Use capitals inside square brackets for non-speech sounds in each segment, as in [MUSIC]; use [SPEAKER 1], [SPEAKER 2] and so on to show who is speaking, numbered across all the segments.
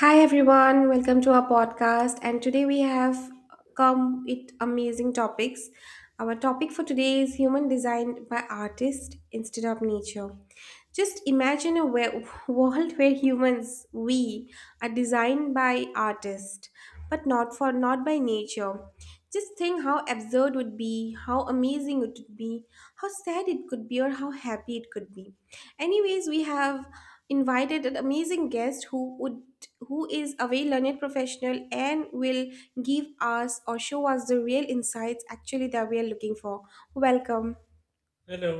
[SPEAKER 1] Hi everyone, welcome to our podcast. And today we have come with amazing topics. Our topic for today is human designed by artist instead of nature. Just imagine a world where humans, we, are designed by artist, but not by nature. Just think how absurd would be, how amazing it would be, how sad it could be, or how happy it could be. Anyways, we have invited an amazing guest who would who is a very learned professional and will give us or show us the real insights actually that we are looking for. Welcome.
[SPEAKER 2] Hello.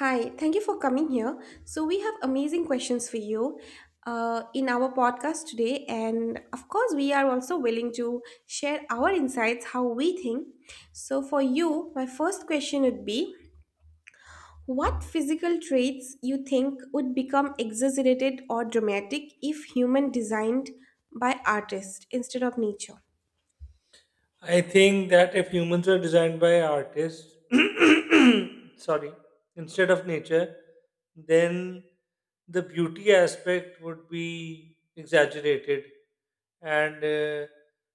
[SPEAKER 1] Hi, thank you for coming here. So we have amazing questions for you in our podcast today, and of course we are also willing to share our insights how we think. So for you, my first question would be, what physical traits you think would become exaggerated or dramatic if human designed by artists instead of nature?
[SPEAKER 2] I think that if humans were designed by artists, [COUGHS] sorry, instead of nature, then the beauty aspect would be exaggerated. And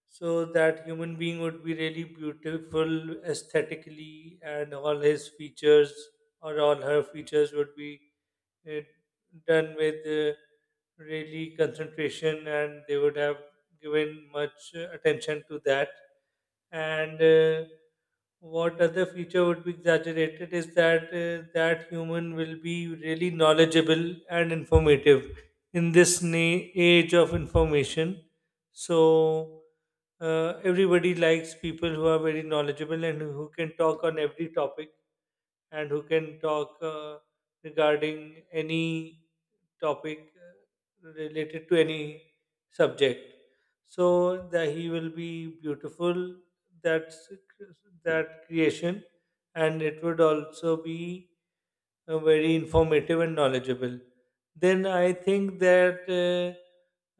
[SPEAKER 2] so that human being would be really beautiful aesthetically, and all his features or all her features would be it done with really concentration, and they would have given much attention to that. And What other feature would be exaggerated is that that human will be really knowledgeable and informative in this age of information. So everybody likes people who are very knowledgeable and who can talk on every topic, and who can talk regarding any topic related to any subject. So that he will be beautiful. That's that creation, and it would also be very informative and knowledgeable. Then I think that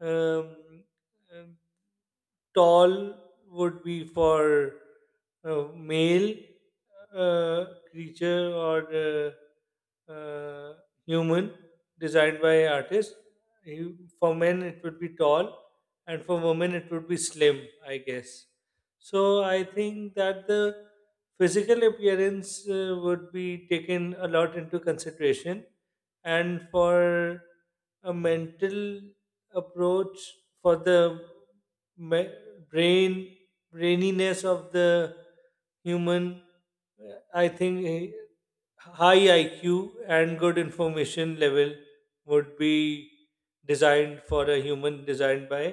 [SPEAKER 2] uh, um, tall would be for male uh, creature, or uh, uh, human designed by artist. For men, it would be tall, and for women, it would be slim, I guess. So I think that the physical appearance would be taken a lot into consideration, and for a mental approach for the ma- brain braininess of the human, I think high IQ and good information level would be designed for a human designed by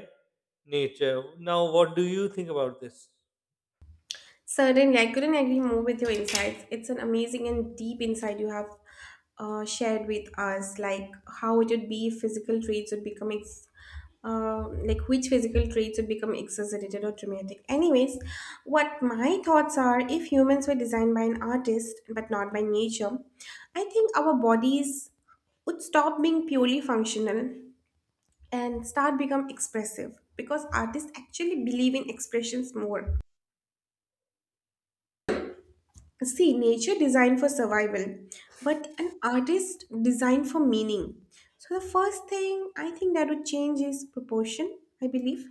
[SPEAKER 2] nature. Now, what do you think about this?
[SPEAKER 1] Certainly, I couldn't agree more with your insights. It's an amazing and deep insight you have shared with us, like how it would be if physical traits would become like which physical traits would become exaggerated or dramatic. Anyways, what my thoughts are, if humans were designed by an artist but not by nature, I think our bodies would stop being purely functional and start become expressive because artists actually believe in expressions more. See, nature designed for survival, but an artist designed for meaning. So, the first thing I think that would change is proportion, I believe.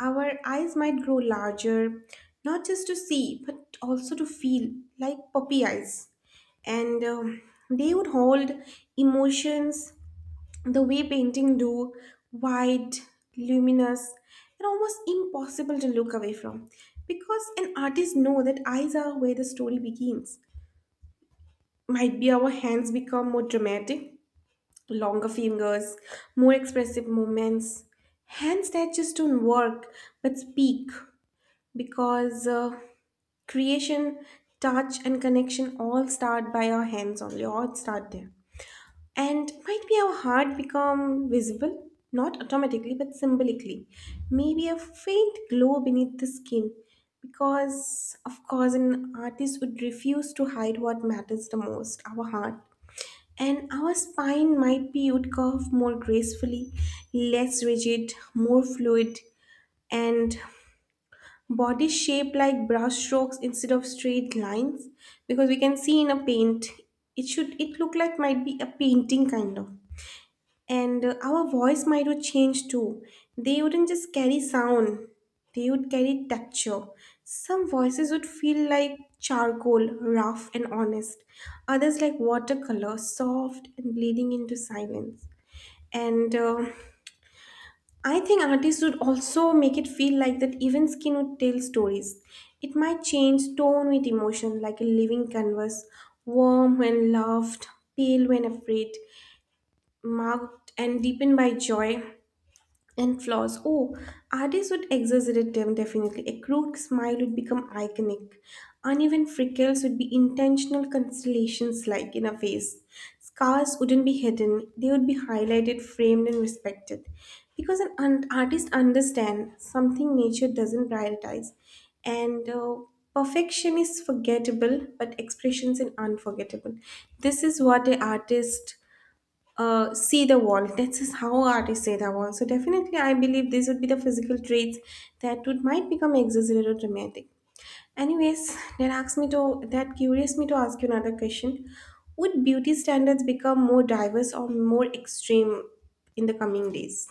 [SPEAKER 1] Our eyes might grow larger, not just to see, but also to feel, like puppy eyes. And They would hold emotions the way painting do, wide, luminous, and almost impossible to look away from. Because an artist know that eyes are where the story begins, might be our hands become more dramatic, longer fingers, more expressive movements. Hands that just don't work but speak, because creation, touch, and connection all start by our hands only, all start there. And might be our heart become visible, not automatically but symbolically. Maybe a faint glow beneath the skin, because, of course, an artist would refuse to hide what matters the most, our heart. And our spine might be would curve more gracefully, less rigid, more fluid, and body shape like brush strokes instead of straight lines, because we can see in a paint it should it look like might be a painting kind of. And our voice might would change too. They wouldn't just carry sound, they would carry texture. Some voices would feel like charcoal, rough and honest, others like watercolor, soft and bleeding into silence. And I think artists would also make it feel like that even skin would tell stories. It might change tone with emotion like a living canvas, warm when loved, pale when afraid, marked and deepened by joy. And flaws, oh, artists would exaggerate them definitely. A crude smile would become iconic. Uneven freckles would be intentional constellations like in a face. Scars wouldn't be hidden, they would be highlighted, framed, and respected. Because an artist understands something nature doesn't prioritize. And perfection is forgettable, but expressions are unforgettable. This is what an artist see the wall. That's is how artists say the wall. So definitely, I believe these would be the physical traits that would might become exaggerated or dramatic. Anyways, that asks me to that curious me to ask you another question. Would beauty standards become more diverse or more extreme in the coming days?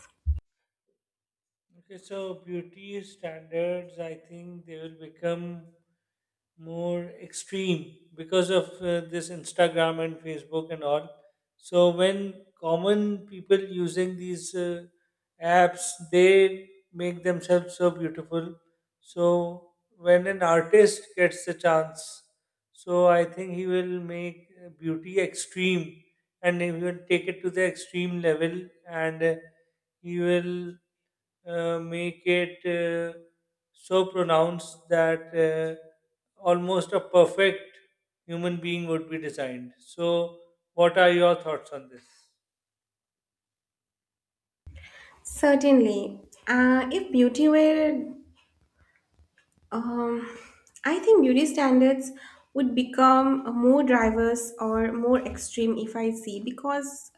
[SPEAKER 2] Okay, so beauty standards, I think they will become more extreme because of this Instagram and Facebook and all. So when common people using these apps, they make themselves so beautiful. So when an artist gets the chance, so I think he will make beauty extreme, and he will take it to the extreme level. And he will make it so pronounced that almost a perfect human being would be designed. So, what are your thoughts on this?
[SPEAKER 1] Certainly. If beauty were Um, I think beauty standards would become more diverse or more extreme if I see, because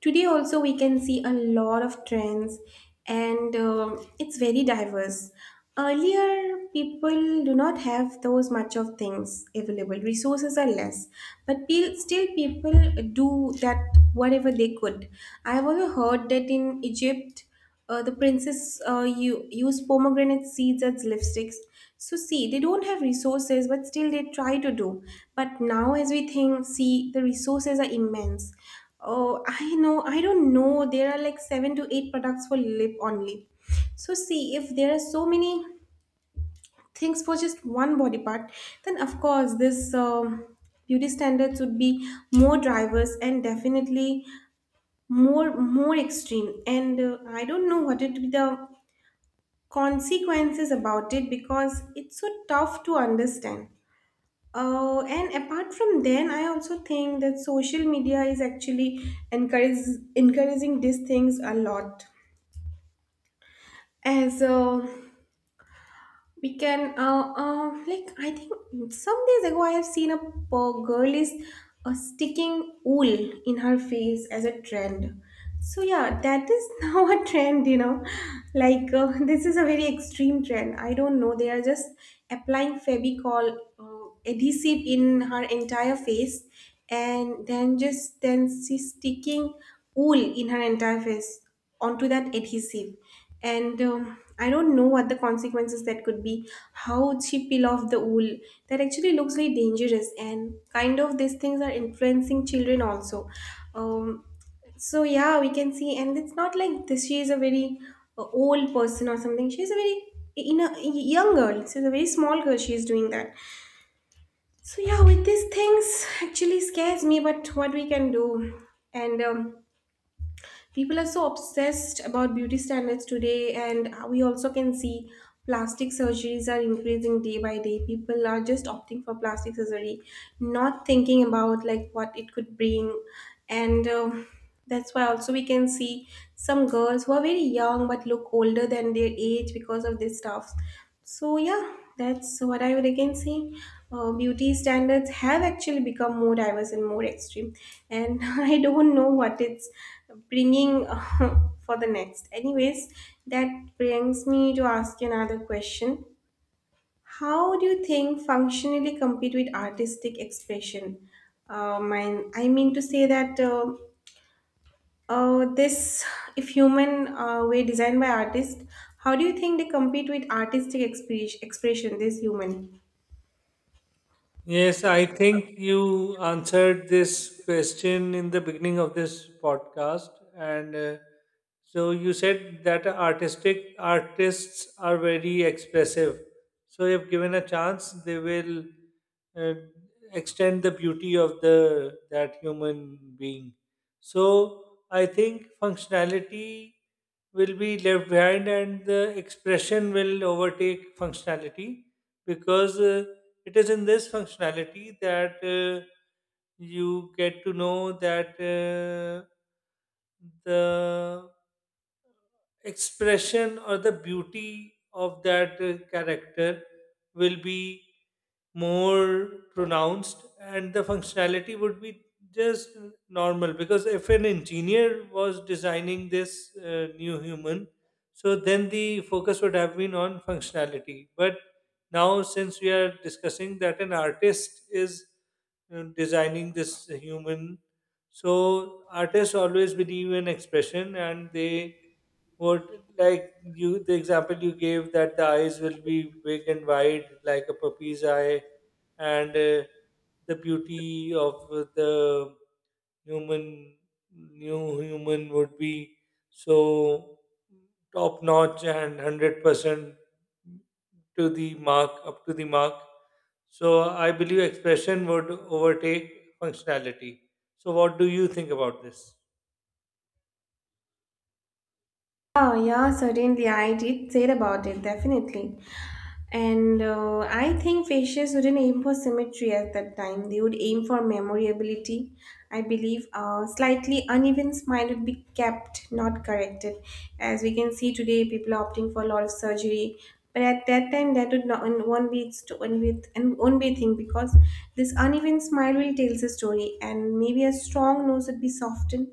[SPEAKER 1] today also we can see a lot of trends, and it's very diverse. Earlier, people do not have those much of things available. Resources are less, but still people do that whatever they could. I have also heard that in Egypt the princess you use pomegranate seeds as lipsticks. So see, they don't have resources, but still they try to do. But now, as we think, see, the resources are immense. Oh, I know, I don't know. There are like seven to eight products for lip only. So see, if there are so many things for just one body part, then of course this beauty standards would be more drivers, and definitely more extreme. And I don't know what it would be the consequences about it, because it's so tough to understand. And apart from then, I also think that social media is actually encourage, encouraging these things a lot. As we can, like, I think some days ago I have seen a girl is sticking wool in her face as a trend. So, yeah, that is [LAUGHS] now a trend, you know. Like, this is a very extreme trend. I don't know. They are just applying Febicol adhesive in her entire face, and then she's sticking wool in her entire face onto that adhesive. And I don't know what the consequences that could be, how she peel off the wool. That actually looks very dangerous, and kind of these things are influencing children also. um, so yeah, we can see, and it's not like this. She is a very old person or something. She is a very in a young girl, she's a very small girl. She is doing that. So yeah, with these things actually scares me, but what we can do. And people are so obsessed about beauty standards today, and we also can see plastic surgeries are increasing day by day. People are just opting for plastic surgery, not thinking about like what it could bring, and that's why also we can see some girls who are very young but look older than their age because of these stuff. So yeah, that's what I would again say. Beauty standards have actually become more diverse and more extreme, and [LAUGHS] I don't know what it's bringing [LAUGHS] for the next. Anyways, that brings me to ask you another question. How do you think functionally compete with artistic expression? I mean to say that uh, this, if human were designed by artists, how do you think they compete with artistic expression? This human.
[SPEAKER 2] Yes, I think you answered this question in the beginning of this podcast, and so you said that artistic artists are very expressive. So, if given a chance, they will uh, extend the beauty of the that human being. So, I think functionality will be left behind, and the expression will overtake functionality because. It is in this functionality that you get to know that the expression or the beauty of that character will be more pronounced, and the functionality would be just normal. Because if an engineer was designing this new human, so then the focus would have been on functionality. But now, since we are discussing that an artist is designing this human, so artists always believe in expression, and they what, like you, the example you gave, that the eyes will be big and wide like a puppy's eye, and the beauty of the human, new human, would be so top notch and 100% to the mark, up to the mark. So I believe expression would overtake functionality. So what do you think about this?
[SPEAKER 1] Oh, yeah, certainly. I did say about it, definitely. And I think fascists wouldn't aim for symmetry at that time. They would aim for memorability. I believe a slightly uneven smile would be kept, not corrected. As we can see today, people are opting for a lot of surgery. But at that time, that would not and won't be its won't be and won't be a thing, because this uneven smile will tell the story. And maybe a strong nose would be softened,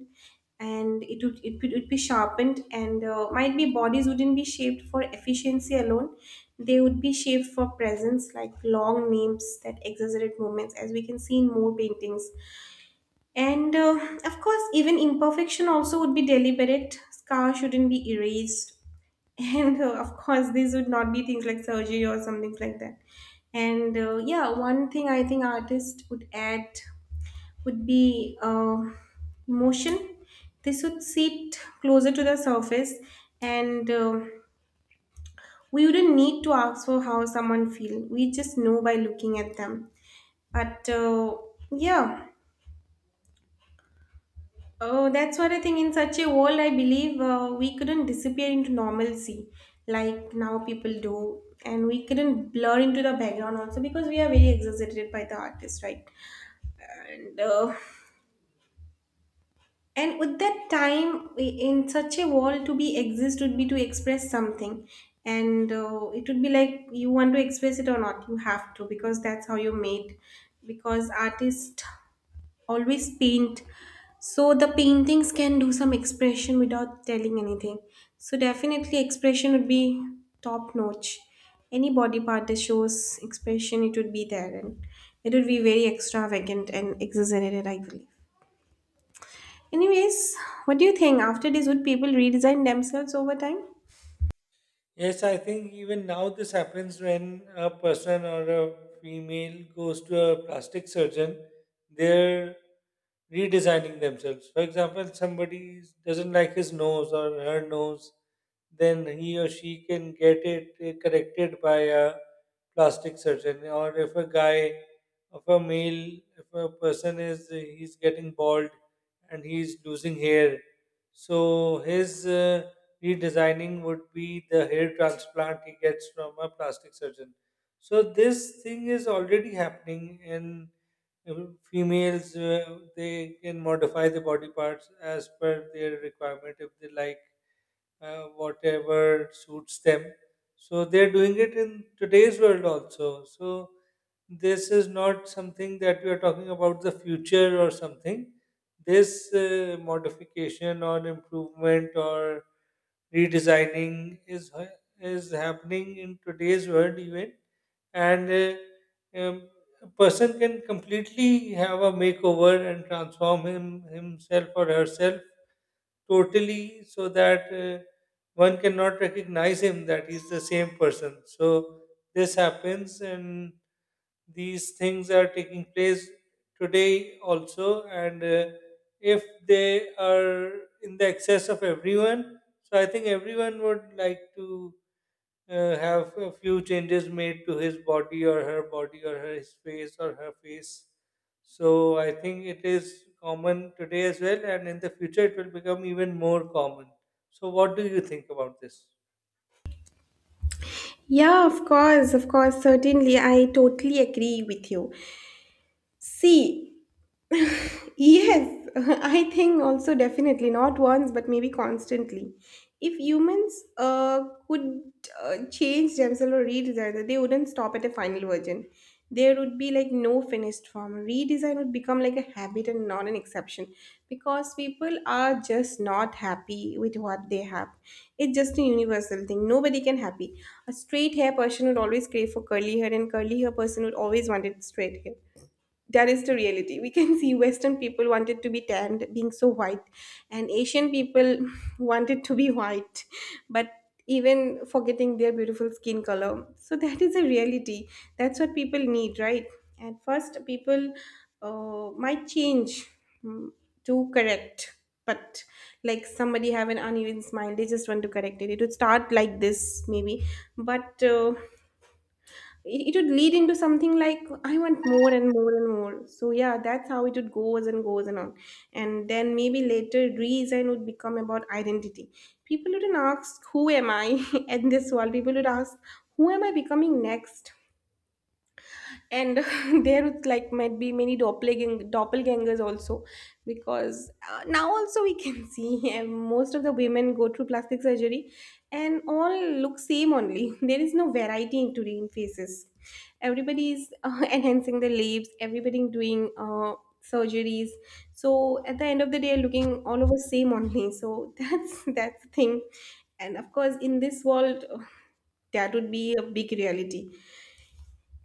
[SPEAKER 1] and it would be sharpened. And might be bodies wouldn't be shaped for efficiency alone, they would be shaped for presence, like long names that exaggerate movements, as we can see in more paintings. And of course, even imperfection also would be deliberate, scar shouldn't be erased. [LAUGHS] And of course, these would not be things like surgery or something like that. And yeah, one thing I think artists would add would be motion. This would sit closer to the surface, and we wouldn't need to ask for how someone feel. We just know by looking at them. But yeah, oh, that's what I think. In such a world, I believe we couldn't disappear into normalcy like now people do, and we couldn't blur into the background also, because we are very exaggerated by the artist, right? And uh, and with that time, in such a world, to be exist would be to express something. And it would be like you want to express it or not, you have to, because that's how you made. Because artists always paint, so the paintings can do some expression without telling anything. So definitely expression would be top notch. Any body part that shows expression, it would be there, and it would be very extravagant and exaggerated, I believe. Anyways, what do you think? After this, would people redesign themselves over time?
[SPEAKER 2] Yes, I think even now this happens when a person or a female goes to a plastic surgeon, they're redesigning themselves. For example, somebody doesn't like his nose or her nose, then he or she can get it corrected by a plastic surgeon. Or if a guy, if a male, if a person is, he's getting bald and he's losing hair, so his redesigning would be the hair transplant he gets from a plastic surgeon. So this thing is already happening in uh, females. They can modify the body parts as per their requirement if they like, whatever suits them. So they're doing it in today's world also. So this is not something that we are talking about the future or something. This modification or improvement or redesigning is happening in today's world even. And A person can completely have a makeover and transform himself or herself totally, so that one cannot recognize him that he's the same person. So this happens, and these things are taking place today also. And if they are in the excess of everyone, so I think everyone would like to have a few changes made to his body or her body, or her, his face or her face. So I think it is common today as well, and in the future it will become even more common. So what do you think about this?
[SPEAKER 1] Yeah, of course, certainly. I totally agree with you. See, yes, [LAUGHS] I think also definitely not once, but maybe constantly. If humans could change themselves or redesign, they wouldn't stop at a final version. There would be like no finished form. Redesign would become like a habit and not an exception, because people are just not happy with what they have. It's just a universal thing. Nobody can happy. A straight hair person would always crave for curly hair, and curly hair person would always want it straight hair. That is the reality. We can see western people wanted to be tanned being so white, and asian people [LAUGHS] wanted to be white but even forgetting their beautiful skin color. So that is a reality, that's what people need, right? At first people might change, mm, to correct. But like somebody have an uneven smile, they just want to correct it. It would start like this maybe. But it would lead into something like I want more and more and more. So yeah, that's how it would goes and goes and on. And then maybe later reason would become about identity. People wouldn't ask who am I [LAUGHS] in this world. People would ask who am I becoming next. And [LAUGHS] there would like might be many doppelgangers also, because now also we can [LAUGHS] see and most of the women go through plastic surgery and all look same only. [LAUGHS] There is no variety in today in faces. Everybody is [LAUGHS] enhancing their lips, everybody doing surgeries. So at the end of the day looking all over same only, so [LAUGHS] that's the thing. And of course in this world [LAUGHS] that would be a big reality.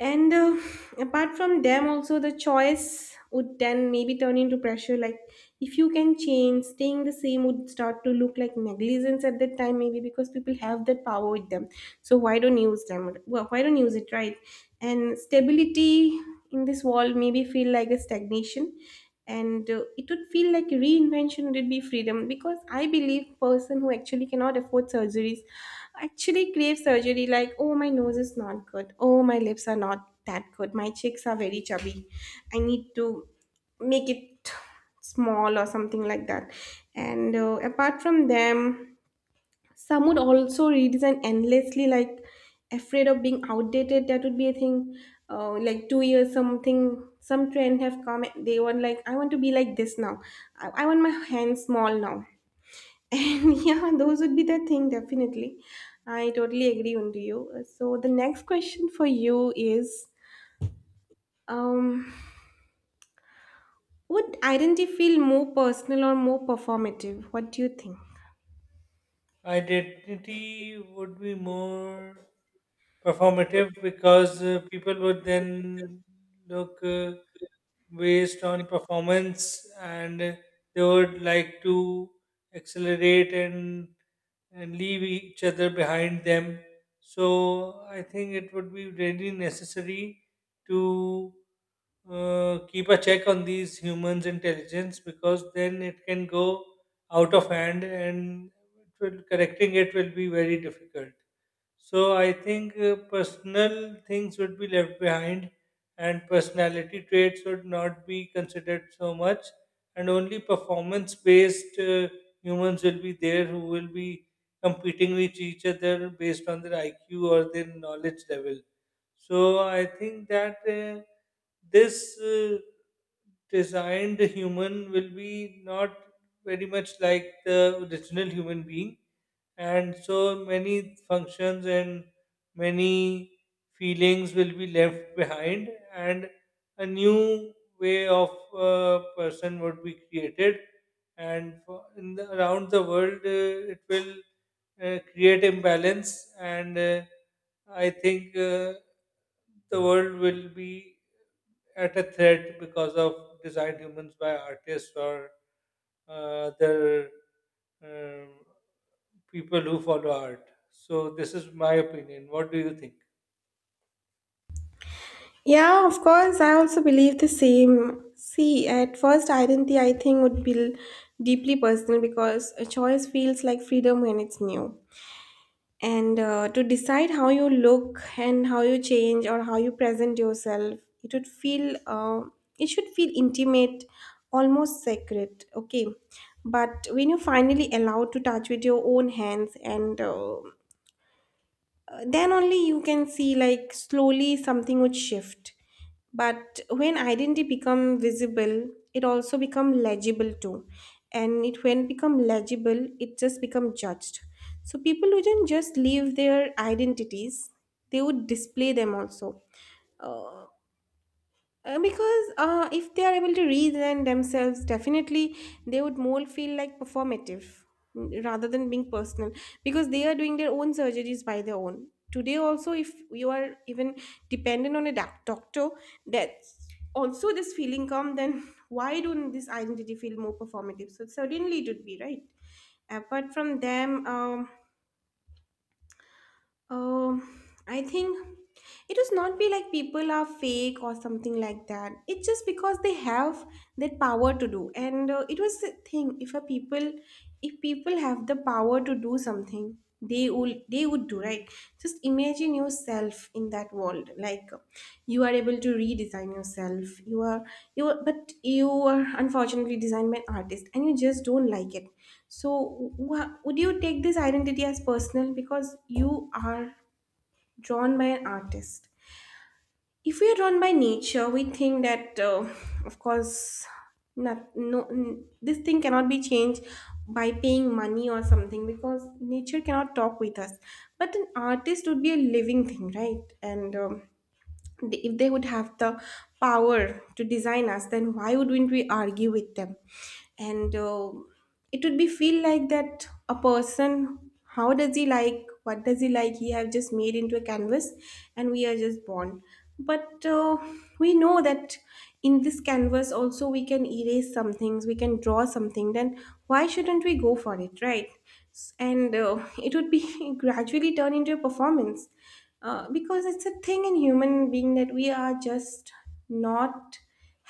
[SPEAKER 1] And apart from them also, the choice would then maybe turn into pressure. Like if you can change, staying the same would start to look like negligence at that time maybe, because people have that power with them. So why don't use them, well, why don't use it, right? And stability in this world maybe feel like a stagnation. And it would feel like reinvention would be freedom, because I believe person who actually cannot afford surgeries actually crave surgery. Like oh my nose is not good, oh my lips are not that good, my cheeks are very chubby, I need to make it small or something like that. And apart from them, some would also redesign endlessly, like afraid of being outdated. That would be a thing. Uh, like 2 years something, some trend have come, they want like I want to be like this now. I want my hands small now. And [LAUGHS] yeah, those would be the thing, definitely. I totally agree on to you. So the next question for you is, um, would identity feel more personal or more performative? What do you think?
[SPEAKER 2] Identity would be more performative because people would then look based on performance, and they would like to accelerate and leave each other behind them. So I think it would be really necessary to keep a check on these humans' intelligence, because then it can go out of hand, and it will, correcting it, will be very difficult. So I think personal things would be left behind, and personality traits would not be considered so much, and only performance based humans will be there who will be competing with each other based on their IQ or their knowledge level. So I think that this designed human will be not very much like the original human being, and so many functions and many feelings will be left behind, and a new way of person would be created, and in the, around the world, it will create imbalance. And I think the world will be at a threat because of designed humans by artists, or other um people who follow art. So this is my opinion. What do you think?
[SPEAKER 1] Yeah, of course. I also believe the same. See, at first, identity I think would be deeply personal, because a choice feels like freedom when it's new. And to decide how you look and how you change or how you present yourself, it would feel it should feel intimate, almost sacred, okay? But when you finally allowed to touch with your own hands, and then only you can see like slowly something would shift. But when identity become visible, it also become legible too. And it when become legible it just become judged. So people wouldn't just leave their identities, they would display them also. Uh, because if they are able to reason themselves, definitely they would more feel like performative, rather than being personal, because they are doing their own surgeries by their own. Today, also, if you are even dependent on a doctor, that's also this feeling come, then [LAUGHS] why don't this identity feel more performative? So, certainly it would be right. Apart from them, um, I think it does not be like people are fake or something like that. It's just because they have that power to do, and it was the thing. If people have the power to do something, they will they would do, right. Just imagine yourself in that world. Like you are able to redesign yourself. You are, but you are unfortunately designed by an artist, and you just don't like it. So, would you take this identity as personal because you are drawn by an artist? If we are drawn by nature, we think that, of course, not, no, this thing cannot be changed by paying money or something, because nature cannot talk with us. But an artist would be a living thing, right? And if they would have the power to design us, then why wouldn't we argue with them? And it would be feel like that a person, how does he like, what does he like, he have just made into a canvas, and we are just born. But we know that in this canvas also we can erase some things, we can draw something. Then why shouldn't we go for it, right? And [LAUGHS] it would be [LAUGHS] gradually turn into a performance, because it's a thing in human being that we are just not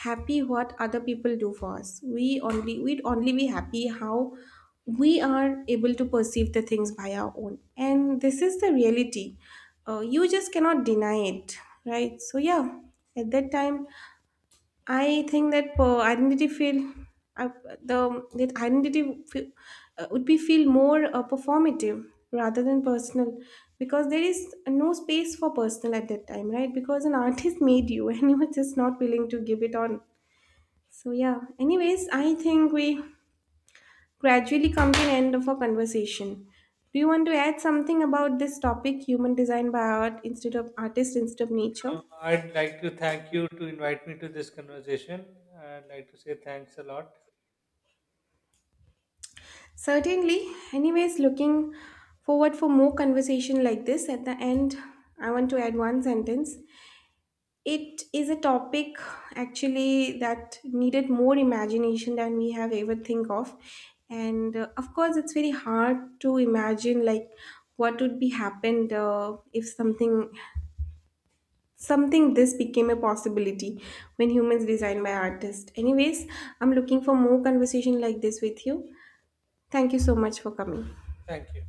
[SPEAKER 1] happy what other people do for us. We only, we'd only be happy how we are able to perceive the things by our own, and this is the reality. You just cannot deny it, right? So yeah, at that time I think that identity feel uh, the that identity feel, would be feel more performative rather than personal, because there is no space for personal at that time, right? Because an [LAUGHS] artist made you [LAUGHS] and you were just not willing to give it on. So yeah. Anyways, I think we gradually come to an end of our conversation. Do you want to add something about this topic, human design by art instead of artist instead of nature?
[SPEAKER 2] I'd like to thank you to invite me to this conversation. I'd like to say thanks a lot.
[SPEAKER 1] Certainly. Anyways, looking forward for more conversation like this. At the end, I want to add one sentence. It is a topic actually that needed more imagination than we have ever think of. And of course, it's very hard to imagine like what would be happened if something this became a possibility, when humans designed by artists. Anyways, I'm looking for more conversation like this with you. Thank you so much for coming.
[SPEAKER 2] Thank you.